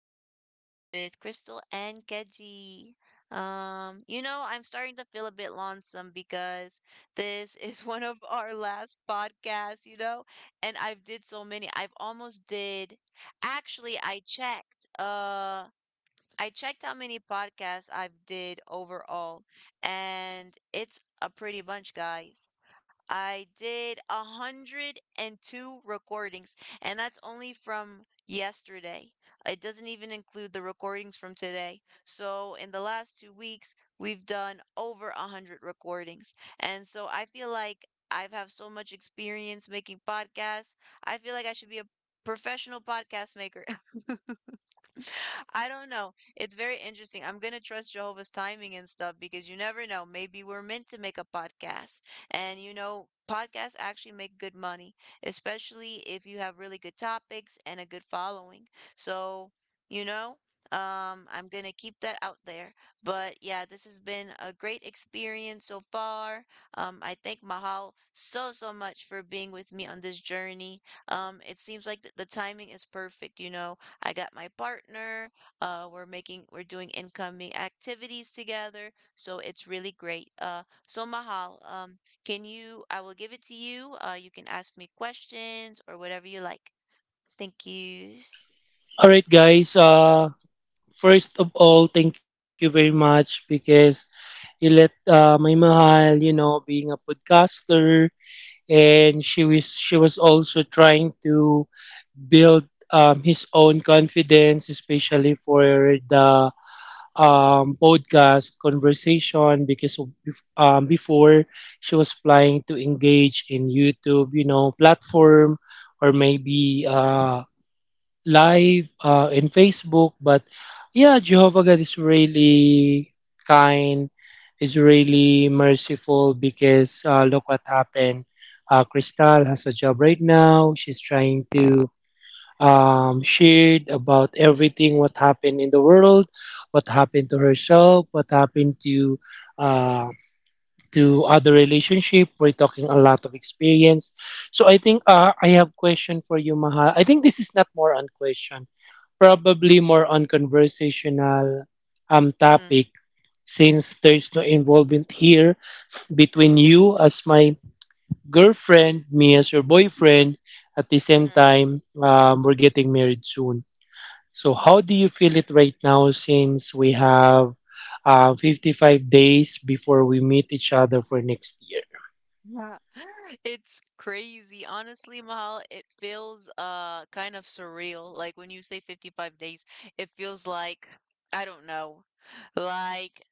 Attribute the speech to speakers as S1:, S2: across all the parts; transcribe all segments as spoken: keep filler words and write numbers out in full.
S1: podcast with Crystal and Keji. Um, you know, I'm starting to feel a bit lonesome because this is one of our last podcasts, you know, and I've did so many. I've almost did. Actually, I checked. Uh, I checked how many podcasts I've did overall, and it's a pretty bunch, guys. I did a hundred and two recordings, and that's only from yesterday. It doesn't even include the recordings from today. So, in the last two weeks, we've done over a hundred recordings. And so, I feel like I have have so much experience making podcasts. I feel like I should be a professional podcast maker. I don't know. It's very interesting. I'm going to trust Jehovah's timing and stuff because you never know. Maybe we're meant to make a podcast. And you know, podcasts actually make good money, especially if you have really good topics and a good following. So, you know, um, I'm going to keep that out there. But yeah, this has been a great experience so far. Um, I thank Mahal so, so much for being with me on this journey. Um, it seems like th- the timing is perfect, you know, I got my partner. Uh, we're making we're doing incoming activities together, so it's really great. Uh, so Mahal, um, can you? I will give it to you. Uh, you can ask me questions or whatever you like. Thank yous.
S2: All right, guys. Uh, first of all, thank you very much because you let uh, my mahal, you know, being a podcaster, and she was she was also trying to build um, his own confidence, especially for the um, podcast conversation. Because of, bef- um, before she was planning to engage in YouTube, you know, platform or maybe. Uh, live uh, in Facebook. But yeah, Jehovah God is really kind, is really merciful because uh, look what happened. Uh, Crystal has a job right now. She's trying to um, share about everything what happened in the world, what happened to herself, what happened to uh, to other relationship. We're talking a lot of experience. So I think uh, I have question for you, Mahal. I think this is not more on question, probably more on conversational um
S1: Hmm.
S2: topic since there's no involvement here between you as my girlfriend, me as your boyfriend. At the same
S1: Hmm.
S2: time, um, we're getting married soon. So how
S1: Mhm.
S2: do you feel it right now since we have uh, fifty-five days before we meet each other for next year?
S1: Yeah. It's crazy. Honestly, Mahal, it feels uh kind of surreal. Like when you say fifty-five days, it feels like I don't know. Like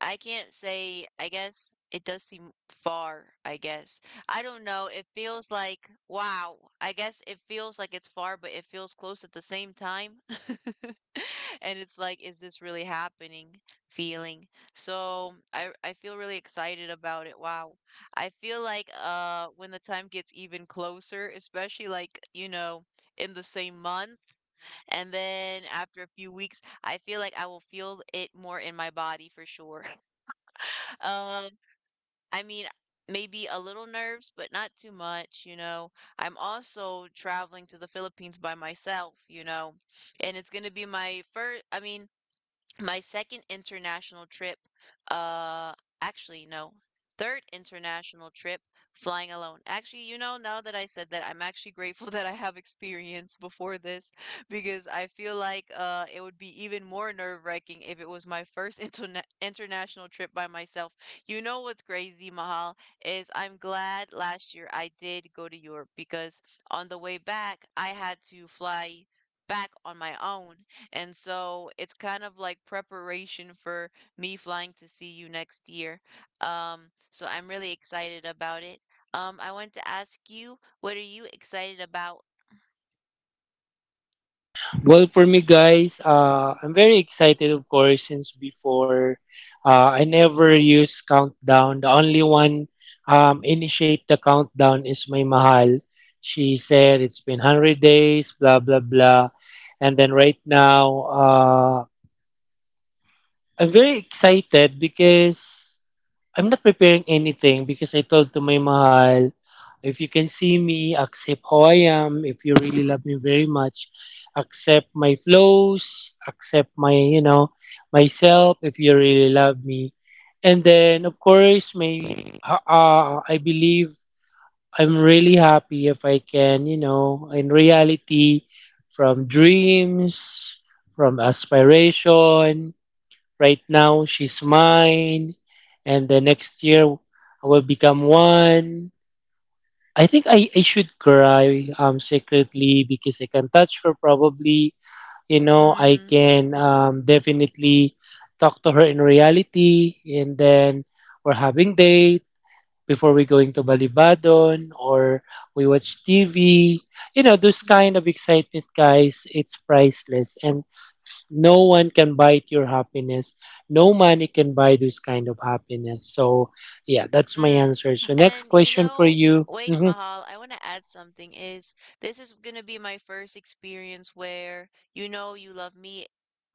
S1: I can't say, I guess it does seem far, I guess. I don't know. It feels like, wow. I guess it feels like it's far, but it feels close at the same time. And it's like, is this really happening? Feeling. So I I feel really excited about it. Wow. I feel like uh when the time gets even closer, especially like, you know, in the same month, and then after a few weeks, I feel like I will feel it more in my body for sure. Um, I mean, Maybe a little nerves, but not too much, you know. I'm also traveling to the Philippines by myself, you know, and it's going to be my first, I mean, my second international trip, uh, actually, no, third international trip flying alone. Actually, you know, now that I said that, I'm actually grateful that I have experience before this because I feel like uh it would be even more nerve-wracking if it was my first interna international trip by myself. You know what's crazy, Mahal, is I'm glad last year I did go to Europe because on the way back, I had to fly back on my own, and so it's kind of like preparation for me flying to see you next year. Um, so I'm really excited about it. Um, I want to ask you, what are you excited about?
S2: Well, for me, guys, uh, I'm very excited, of course, since before uh, I never use countdown. The only one um, initiate the countdown is my mahal. She said it's been one hundred days, blah, blah, blah. And then right now, uh, I'm very excited because I'm not preparing anything because I told to my mahal, if you can see me, accept how I am. If you really love me very much, accept my flaws, accept my, you know, myself if you really love me. And then, of course, may uh, uh, I believe I'm really happy if I can, you know, in reality, from dreams, from aspiration, right now, she's mine, and the next year, I will become one. I think I, I should cry um secretly because I can touch her probably. You know, I
S1: Mm.
S2: can um definitely talk to her in reality, and then we're having date before we going to Balibadon or we watch T V. You know, those kind
S1: Hmm.
S2: of excitement guys, it's priceless. And no one can buy your happiness. No money can buy this kind of happiness. So, yeah, that's my
S1: Mm.
S2: answer. So, next
S1: And you
S2: question for
S1: know,
S2: you.
S1: wait,
S2: Mhm.
S1: Mahal, I want to add something is this is going to be my first experience where you know you love me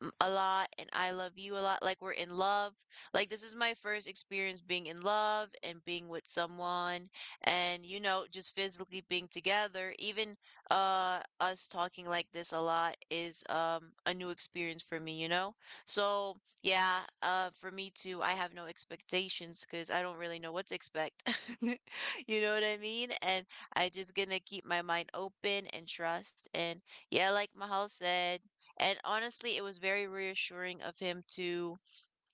S1: m- a lot and I love you a lot, like we're in love. Like this is my first experience being in love and being with someone, and you know, just physically being together. Even uh us talking like this a lot is um a new experience for me, you know? So, yeah, uh, for me too, I have no expectations because I don't really know what to expect. You know what I mean? And I just gonna keep my mind open and trust. And yeah, like Mahal said, and honestly, it was very reassuring of him to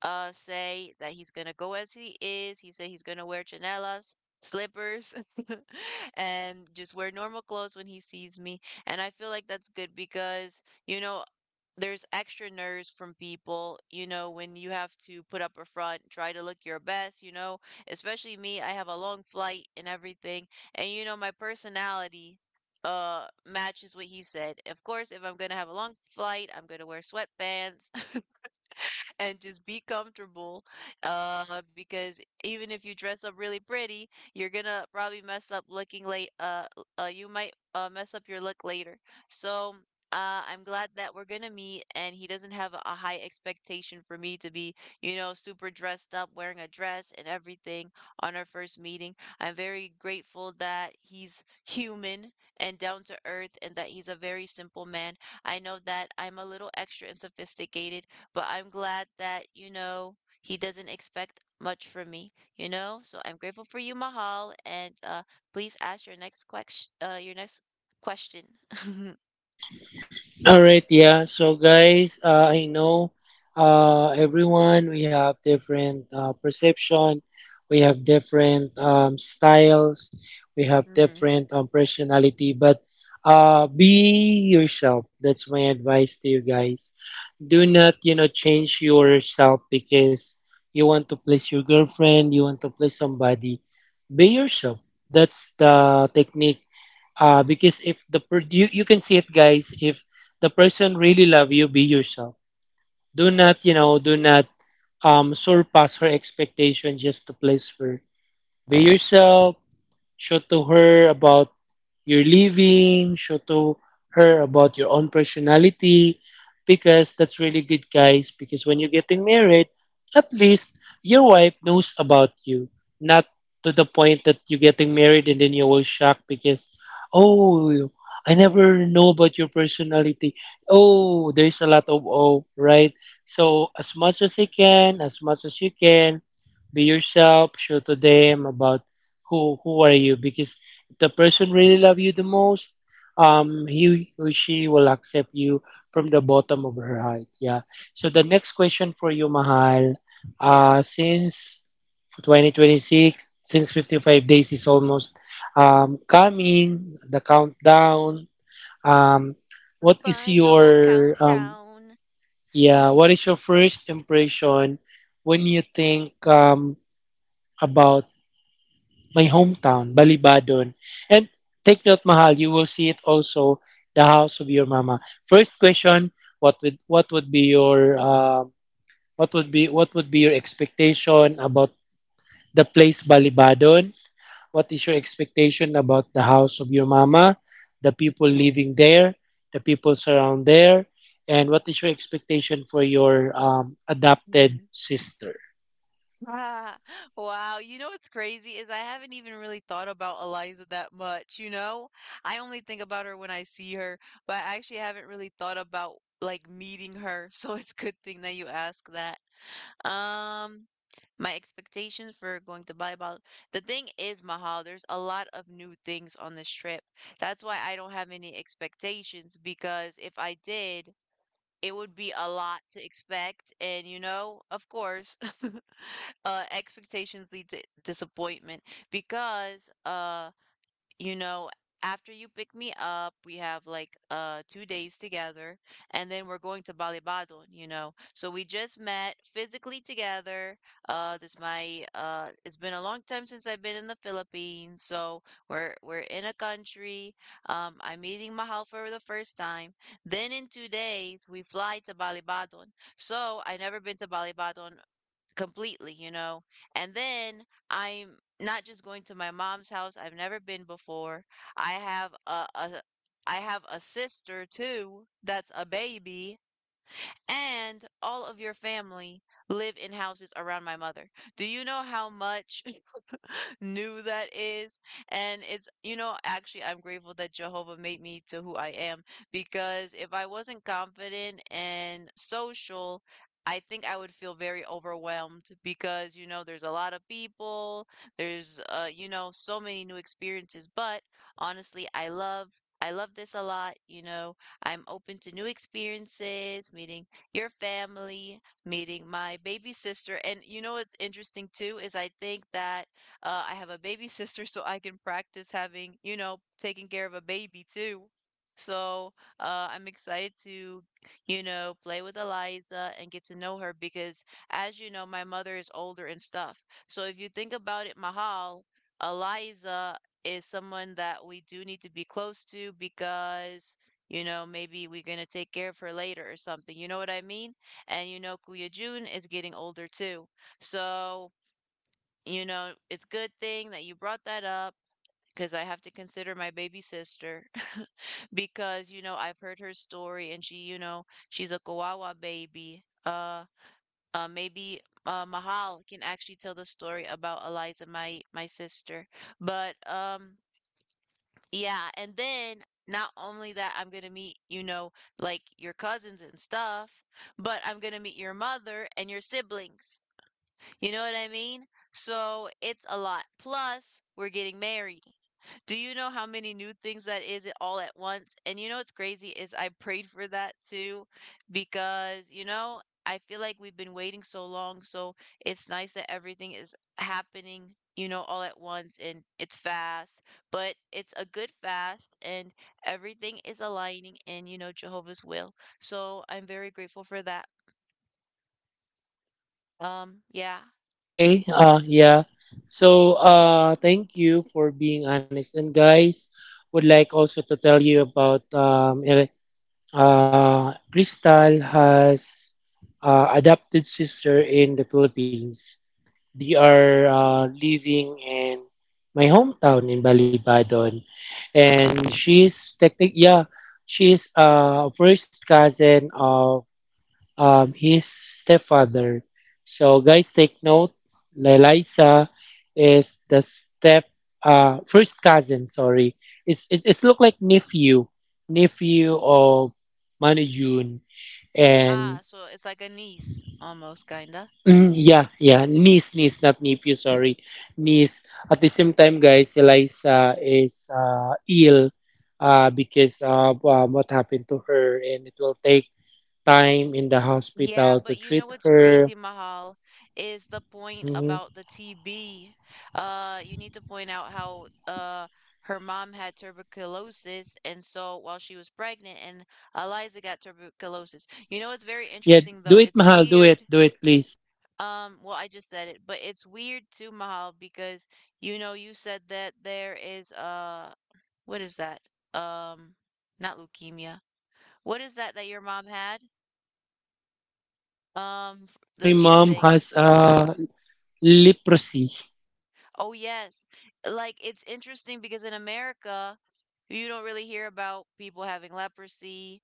S1: uh say that he's gonna go as he is. He said he's gonna wear chanelas, slippers, and just wear normal clothes when he sees me. And I feel like that's good because you know, there's extra nerves from people, you know, when you have to put up a front, try to look your best, you know, especially me, I have a long flight and everything. And, you know, my personality uh matches what he said. Of course, if I'm gonna have a long flight, I'm gonna wear sweatpants and just be comfortable. Uh, because even if you dress up really pretty, you're gonna probably mess up looking late. Uh, uh, you might uh mess up your look later. So. Uh, I'm glad that we're gonna meet, and he doesn't have a high expectation for me to be, you know, super dressed up, wearing a dress and everything on our first meeting. I'm very grateful that he's human and down to earth and that he's a very simple man. I know that I'm a little extra and sophisticated, but I'm glad that, you know, he doesn't expect much from me, you know? So I'm grateful for you, Mahal, and uh please ask your next question uh your next question.
S2: All right, yeah. So, guys, uh, I know uh, everyone, we have different uh, perception, we have different um, styles, we have
S1: Hmm.
S2: different um, personality, but uh, be yourself. That's my advice to you guys. Do not, you know, change yourself because you want to please your girlfriend, you want to please somebody. Be yourself. That's the technique. Uh, because if the per- you, you can see it, guys, if the person really love you, be yourself. Do not, you know, do not um, surpass her expectation just to please her. Be yourself. Show to her about your living. Show to her about your own personality. Because that's really good, guys. Because when you're getting married, at least your wife knows about you. Not to the point that you're getting married and then you will shock because, oh, I never know about your personality. Oh, there's a lot of oh, right? So as much as I can, as much as you can, be yourself, show to them about who who are you because if the person really love you the most um he or she will accept you from the bottom of her heart, yeah. So the next question for you, Mahal.
S1: Yeah.
S2: Uh since twenty twenty-six, since fifty-five days is almost um coming the countdown, um
S1: The
S2: what is
S1: final
S2: your um
S1: countdown.
S2: yeah, what is your first impression when you think um about my hometown, Balibadon. And take note, Mahal, you will see it also, the house of your mama. First question, what would what would be your um what would be what would be your expectation about the place Balibadon? What is your expectation about the house of your mama, the people living there, the people around there, and what is your expectation for your um, adopted
S1: Mm.
S2: sister?
S1: Ah, wow. You know what's crazy is I haven't even really thought about Eliza that much, you know? I only think about her when I see her, but I actually haven't really thought about like meeting her. So it's a good thing that you ask that. Um, my expectations for going to Bali. Bali- The thing is, Mahal, there's a lot of new things on this trip. That's why I don't have any expectations because if I did, it would be a lot to expect. And you know, of course, uh, expectations lead to disappointment because uh, you know, after you pick me up, we have like uh two days together, and then we're going to Balibadon, you know. So we just met physically together. Uh, this my uh, It's been a long time since I've been in the Philippines, so we're we're in a country. Um, I'm meeting Mahal for the first time. Then in two days we fly to Balibadon. So I never been to Balibadon completely, you know? And then I'm not just going to my mom's house. I've never been before. I have a, a I have a sister too that's a baby, and all of your family live in houses around my mother. Do you know how much new that is. And it's, you know, actually, I'm grateful that Jehovah made me to who I am because if I wasn't confident and social, I think I would feel very overwhelmed because, you know, there's a lot of people, there's, uh, you know, so many new experiences. But honestly, I love. I love this a lot. You know, I'm open to new experiences, meeting your family, meeting my baby sister. And you know what's interesting too is I think that uh, I have a baby sister, so I can practice having, you know, taking care of a baby too. So uh, I'm excited to, you know, play with Eliza and get to know her because, as you know, my mother is older and stuff. So if you think about it, Mahal, Eliza is someone that we do need to be close to because, you know, maybe we're going to take care of her later or something. You know what I mean? And you know, Kuya Jun is getting older too. So you know, it's good thing that you brought that up because I have to consider my baby sister because, you know, I've heard her story and she, you know, she's a Kawawa baby. Uh, uh, maybe uh, Mahal can actually tell the story about Eliza, my my sister. But um, Yeah, and then not only that, I'm gonna meet, you know, like your cousins and stuff, but I'm gonna meet your mother and your siblings. You know what I mean? So it's a lot. Plus, we're getting married. Do you know how many new things that is all at once? And you know what's crazy is I prayed for that too because, you know, I feel like we've been waiting so long. So it's nice that everything is happening, you know, all at once and it's fast, but it's a good fast and everything is aligning in, you know, Jehovah's will. So I'm very grateful for that. Um, yeah.
S2: Okay, uh yeah. So uh thank you for being honest, and guys would like also to tell you about um Ere- uh Crystal has uh adopted sister in the Philippines. They are uh living in my hometown in Balibadon, and she's technic yeah, she's uh first cousin of um, his stepfather. So guys, take note. Eliza is the step uh, first cousin. Sorry, it's it's, it's look like nephew nephew of Manujun,
S1: Ah,
S2: and
S1: so it's like a niece almost, kinda.
S2: mm, yeah, yeah niece niece not nephew, sorry, niece. At the same time, guys, Eliza is uh, ill uh, because of um, what happened to her, and it will take time in the
S1: Yeah,
S2: hospital to
S1: but you know
S2: treat
S1: what's
S2: her.
S1: crazy, Mahal, is the point
S2: Mhm.
S1: about the T B. Uh, you need to point out how uh her mom had tuberculosis, and so while she was pregnant, and Eliza got tuberculosis. You know, it's very
S2: Yeah,
S1: interesting
S2: do
S1: though.
S2: it,
S1: It's
S2: Mahal. Do it.
S1: weird.
S2: Do it, please.
S1: Um, well, I just said it, but it's weird too, Mahal, because you know you said that there is uh, what is that? Um, Not leukemia. What is that that your mom had? Um,
S2: Oh,
S1: the
S2: my
S1: skin
S2: mom
S1: thing.
S2: has uh, leprosy.
S1: Oh, yes. Like it's interesting because in America, you don't really hear about people having leprosy.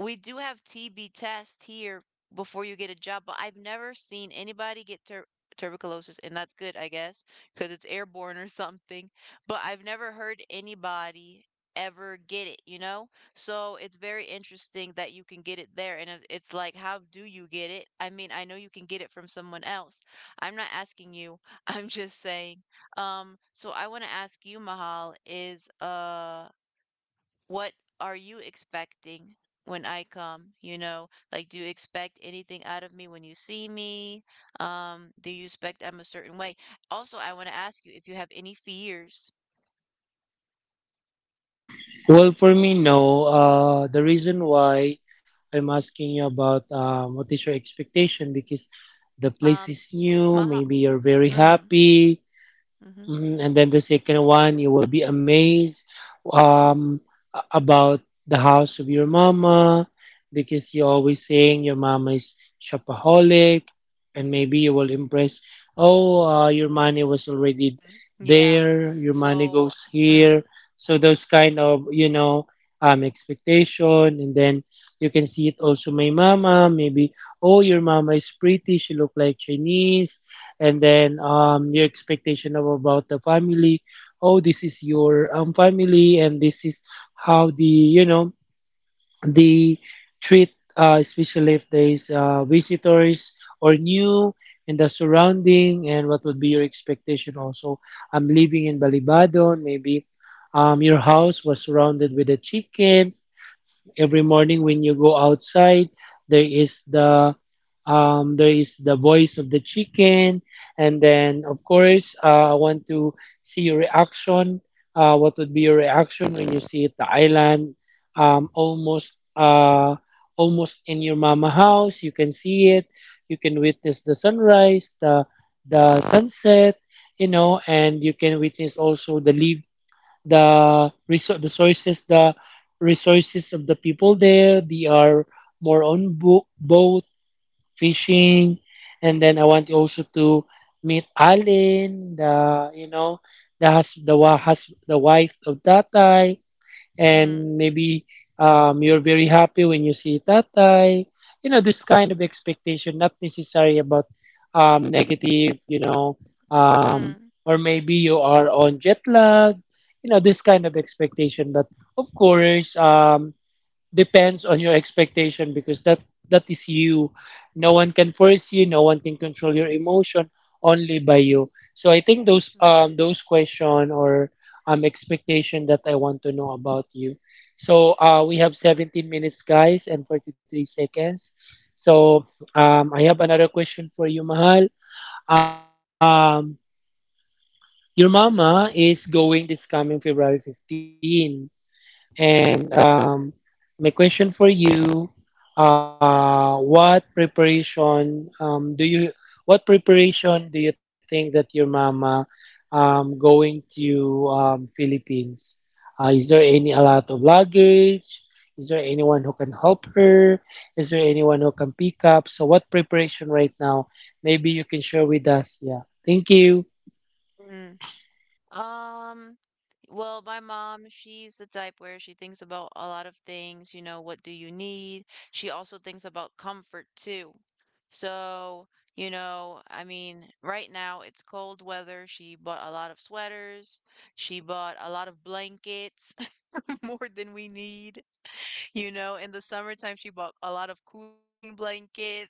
S1: We do have T B test here before you get a job, but I've never seen anybody get tur tuberculosis, and that's good, I guess, because it's airborne or something. But I've never heard anybody ever get it, you know? So it's very interesting that you can get it there. And it- it's like, how do you get it? I mean, I know you can get it from someone else. I'm not asking you. I'm just saying um, so I want to ask you, Mahal, is uh, what are you expecting when I come? You know, like, do you expect anything out of me when you see me? Um, do you expect I'm a certain way? Also, I want to ask you if you have any fears.
S2: Well, for me, no. Uh, the reason why I'm asking you about um, what is your expectation because
S1: Um,
S2: the place is
S1: Mahal,
S2: new. Maybe you're very
S1: mm,
S2: happy.
S1: mm-hmm,
S2: Mhm. And then the second one, you will be amazed um, a- about the house of your mama because you're always saying your mama is shopaholic, and maybe you will impress. Oh, uh, your money was
S1: mm,
S2: already
S1: yeah.
S2: there. Your
S1: So,
S2: money goes
S1: mm,
S2: here. So those kind of, you know, um expectation, and then you can see it also. My mama, maybe. Oh, your mama is pretty. She look like Chinese, and then um your expectation of about the family. Oh, this is your um family, and this is how the, you know, they treat uh, especially if there's uh, visitors or new in the surrounding. And what would be your expectation also? I'm living in Balibadon. Maybe um, your house was surrounded with a chicken. Every morning when you go outside, there is the um, there is the voice of the chicken. And then, of course, uh, I want to see your reaction. Uh, what would be your reaction when you see it the island, um, almost uh, almost in your mama house. You can see it. You can witness the sunrise, the the sunset, you know, and you can witness also the leave, the resou- the sources, the resources of the people there. They are more on bo- boat fishing. And then I want also to meet Alin, the, you know, the hus- the wa- hus- the wife of Tatay.
S1: mm,
S2: And maybe um, you're very happy when you see tatay. You know, this kind of expectation, not necessary about um, negative, you know, um,
S1: mm,
S2: or maybe you are on jet lag, you know, this kind of expectation. But of course, um, depends on your expectation because that that is you. No one can force you, no one can control your emotion, only by you. So I think those,
S1: mm,
S2: um those question or um expectation that I want to know about you. So uh we have seventeen minutes, guys, and forty-three seconds. So um I have another question for you, Mahal. um your mama is going this coming February fifteenth. And um, my question for you, uh, what preparation um, do you what preparation do you think that your mama um, going to um, Philippines? Uh, is there any a lot of luggage? Is there anyone who can help her? Is there anyone who can pick up? So what preparation right now? Maybe you can share with us. Yeah. Thank you.
S1: mm. Um, well, my mom, she's the type where she thinks about a lot of things, you know, what do you need? She also thinks about comfort too. So, you know, I mean, right now it's cold weather. She bought a lot of sweaters. She bought a lot of blankets, more than we need. You know, in the summertime, she bought a lot of cooling blankets.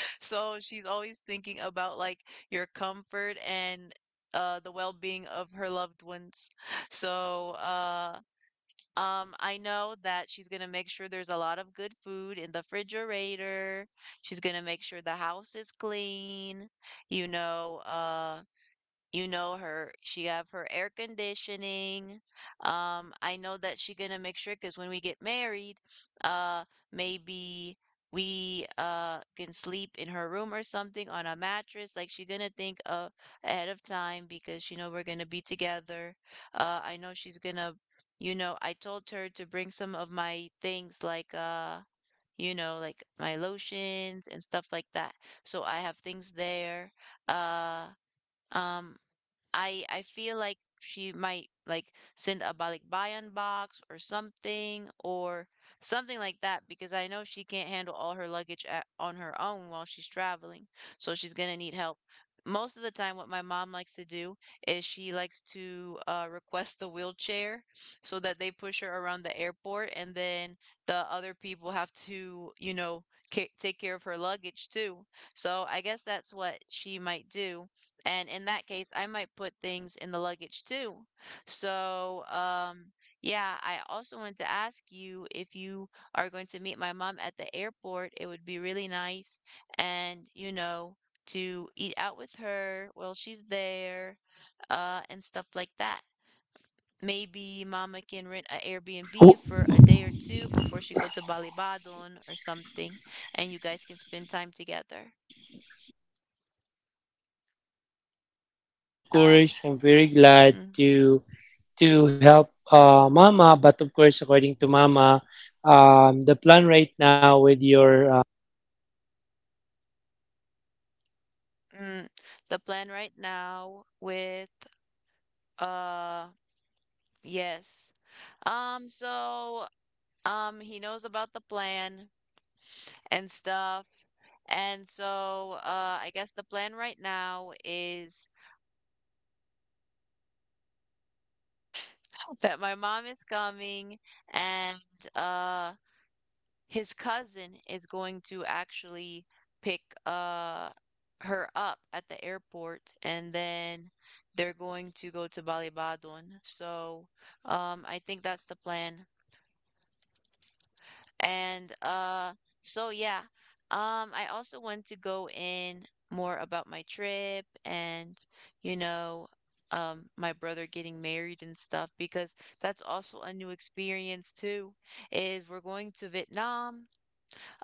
S1: So she's always thinking about like your comfort and uh the well-being of her loved ones. So, uh um I know that she's going to make sure there's a lot of good food in the refrigerator. She's going to make sure the house is clean. You know, uh you know her. She have her air conditioning. Um, I know that she gonna make sure because when we get married, uh, maybe we uh can sleep in her room or something on a mattress. Like she gonna think uh ahead of time because she know we're gonna be together. Uh, I know she's gonna, you know, I told her to bring some of my things like uh, you know, like my lotions and stuff like that. So I have things there. Uh, um, I I feel like she might like send a balikbayan box or something or something like that because I know she can't handle all her luggage at, on her own while she's traveling. So she's gonna need help. Most of the time, what my mom likes to do is she likes to uh, request the wheelchair so that they push her around the airport, and then the other people have to, you know, ca- take care of her luggage too. So I guess that's what she might do and in that case, I might put things in the luggage too. So, um, yeah, I also wanted to ask you if you are going to meet my mom at the airport, it would be really nice and, you know, to eat out with her while she's there, uh, and stuff like that. Maybe mama can rent an Airbnb for a day or two before she go to Balibadon or something, and you guys can spend time together.
S2: Well, for me, of course,
S1: Um,
S2: I'm very glad
S1: hmm.
S2: to to help uh, Mama. But of course, according to Mama, um, the plan right now with your uh,
S1: Mm, the plan right now with uh yes. Um so um he knows about the plan and stuff. And so uh I guess the plan right now is that my mom is coming and uh his cousin is going to actually pick uh her up at the airport and then they're going to go to Balibadon. So um I think that's the plan. And uh so yeah. Um, I also want to go in more about my trip and you know um my brother getting married and stuff because that's also a new experience too is we're going to Vietnam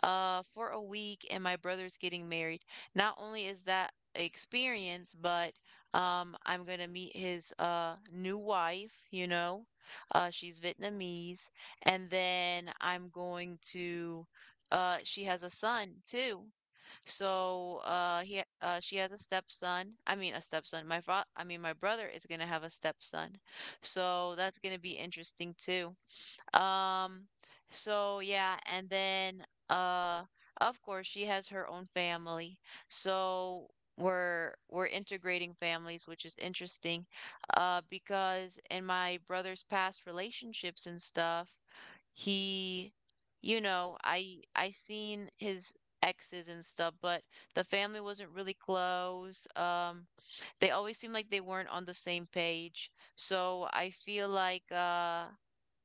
S1: uh, for a week, and my brother's getting married. Not only is that experience, but um, I'm gonna meet his uh, new wife, you know. Uh, she's Vietnamese, and then I'm going to uh, she has a son too. So uh, he ha- uh, she has a stepson. I mean a stepson. My fa- I mean my brother is gonna have a stepson. So that's gonna be interesting too. Um, so yeah, and then uh of course she has her own family. So we're we're integrating families, which is interesting. Uh because in my brother's past relationships and stuff, he you know, I I seen his exes and stuff, but the family wasn't really close. Um they always seemed like they weren't on the same page. So I feel like uh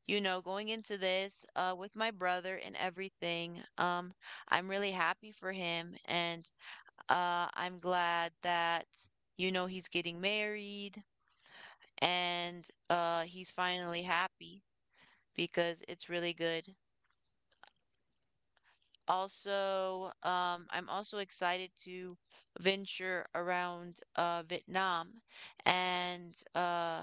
S1: you know, going into this uh, with my brother and everything, um, I'm really happy for him. And uh, I'm glad that, you know, he's getting married and uh, he's finally happy because it's really good. Also, um, I'm also excited to venture around uh, Vietnam and uh,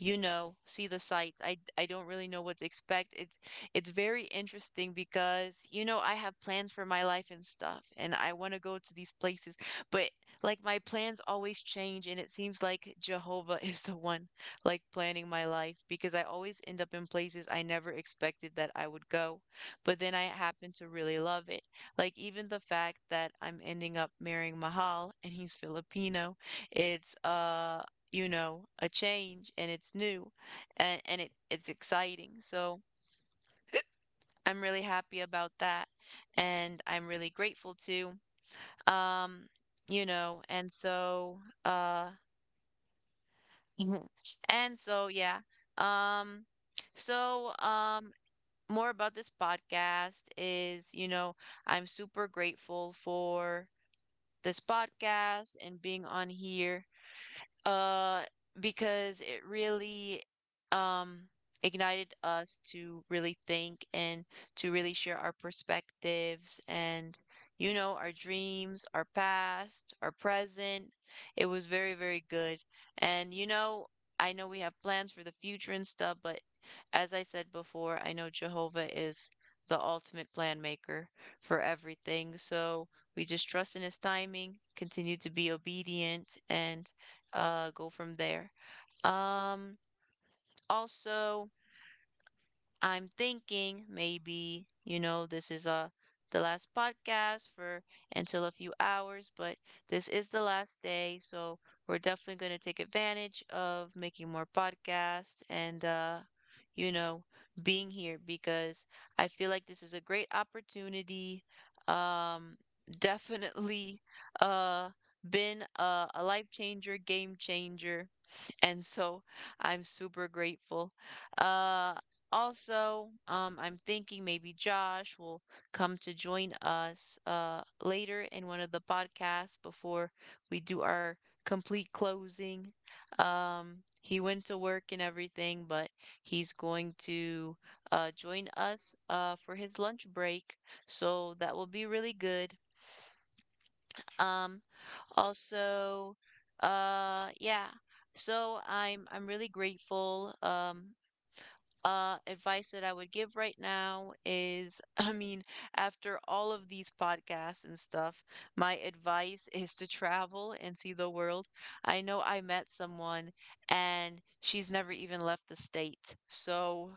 S1: you know, see the sights. I I don't really know what to expect. It's it's very interesting because you know, I have plans for my life and stuff and I want to go to these places, but like my plans always change and it seems like Jehovah is the one like planning my life because I always end up in places I never expected that I would go, but then I happen to really love it. Like even the fact that I'm ending up marrying Mahal and he's Filipino, it's uh you know, a change and it's new and, and it, it's exciting. So I'm really happy about that and I'm really grateful too. Um, you know, and so uh and so yeah. Um so um More about this podcast is, you know, I'm super grateful for this podcast and being on here. Uh, because it really um ignited us to really think and to really share our perspectives and you know our dreams, our past, our present. It was very, very good. And you know, I know we have plans for the future and stuff, but as I said before, I know Jehovah is the ultimate plan maker for everything. So we just trust in his timing, continue to be obedient and uh go from there. Um Also, I'm thinking maybe, you know, this is uh the last podcast for until a few hours, but this is the last day, so we're definitely going to take advantage of making more podcasts and uh you know, being here because I feel like this is a great opportunity. Um Definitely uh been a, a life changer, game changer and so I'm super grateful. Uh, also, um, I'm thinking maybe Josh will come to join us uh, later in one of the podcasts before we do our complete closing. Um, he went to work and everything, but he's going to uh, join us uh, for his lunch break. So that will be really good. Um, also, uh, yeah. So I'm I'm really grateful. Um, uh, advice that I would give right now is, I mean, after all of these podcasts and stuff, my advice is to travel and see the world. I know I met someone and she's never even left the state. So,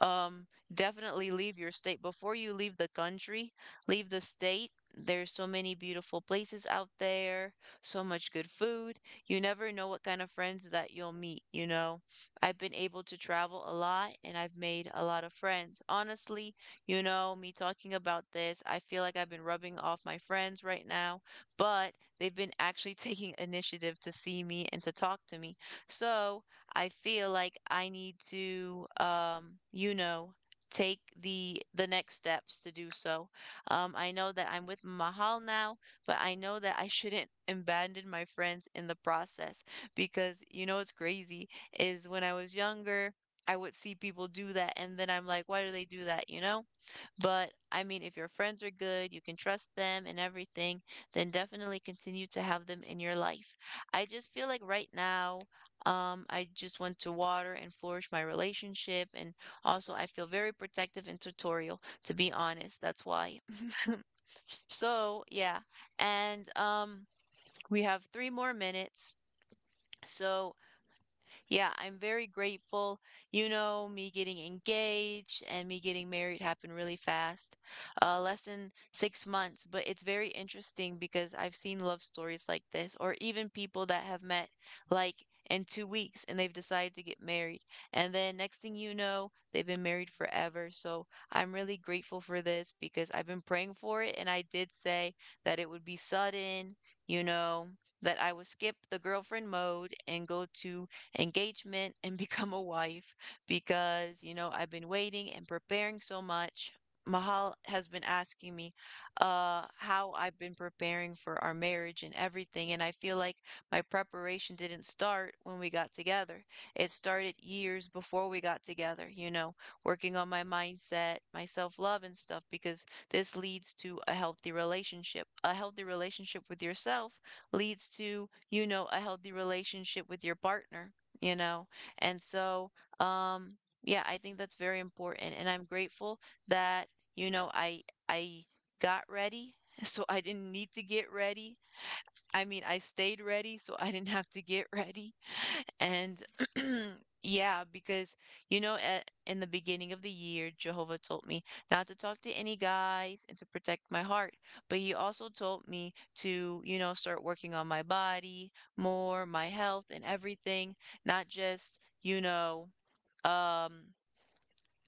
S1: um, definitely leave your state. Before you leave the country, leave the state. There's so many beautiful places out there, so much good food. You never know what kind of friends that you'll meet, you know? I've been able to travel a lot and I've made a lot of friends. Honestly, you know, me talking about this, I feel like I've been rubbing off my friends right now, but they've been actually taking initiative to see me and to talk to me. So I feel like I need to, um, you know, take the the next steps to do so. Um, I know that I'm with Mahal now, but I know that I shouldn't abandon my friends in the process because you know it's crazy is when I was younger, I would see people do that, and then I'm like, why do they do that, you know? But I mean, if your friends are good, you can trust them and everything, then definitely continue to have them in your life. I just feel like right now, um, I just want to water and flourish my relationship, and also I feel very protective and tutorial, to be honest. That's why. So, yeah. And um, we have three more minutes. So, yeah, I'm very grateful. You know, me getting engaged and me getting married happened really fast, uh, less than six months. But it's very interesting because I've seen love stories like this, or even people that have met like in two weeks and they've decided to get married. And then next thing you know, they've been married forever. So I'm really grateful for this because I've been praying for it. And I did say that it would be sudden, you know, that I would skip the girlfriend mode and go to engagement and become a wife because, you know, I've been waiting and preparing so much. Mahal has been asking me uh, how I've been preparing for our marriage and everything. And I feel like my preparation didn't start when we got together. It started years before we got together, you know, working on my mindset, my self love, and stuff, because this leads to a healthy relationship. A healthy relationship with yourself leads to, you know, a healthy relationship with your partner you know? And so, um, yeah, I think that's very important. And I'm grateful that, you know, I I got ready. So I didn't need to get ready. I mean, I stayed ready, so I didn't have to get ready. And yeah, because you know, at, in the beginning of the year, Jehovah told me not to talk to any guys and to protect my heart. But he also told me to, you know, start working on my body more, my health and everything, not just, you know, um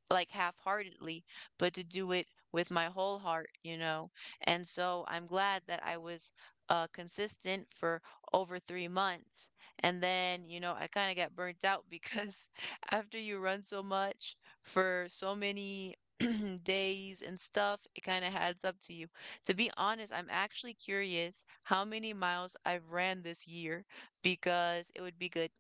S1: like half-heartedly, but to do it with my whole heart, you know? And so I'm glad that I was uh, consistent for over three months. And then, you know, I kind of got burnt out because after you run so much for so many days and stuff, it kind of adds up to you. To be honest, I'm actually curious how many miles I've ran this year because it would be good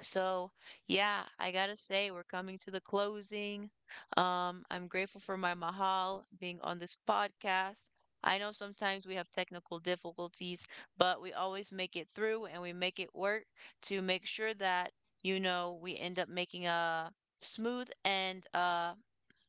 S1: so, yeah, I gotta say, we're coming to the closing. Um, I'm grateful for my Mahal being on this podcast. I know sometimes we have technical difficulties, but we always make it through and we make it work to make sure that, you know, we end up making a smooth and uh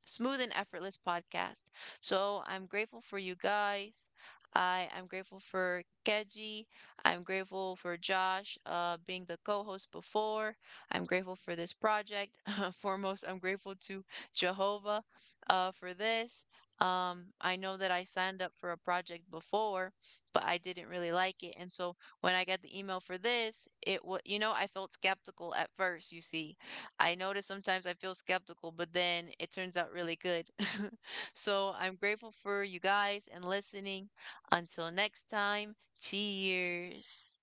S1: smooth and effortless podcast. So I'm grateful for you guys. I am grateful for Keji. I'm grateful for Josh uh, being the co host before. I'm grateful for this project. Foremost, I'm grateful to Jehovah uh, for this. Um, I know that I signed up for a project before, but I didn't really like it. And so when I got the email for this, it was, you know, I felt skeptical at first, you see. I notice sometimes I feel skeptical, but then it turns out really good. So I'm grateful for you guys and listening. Until next time, cheers.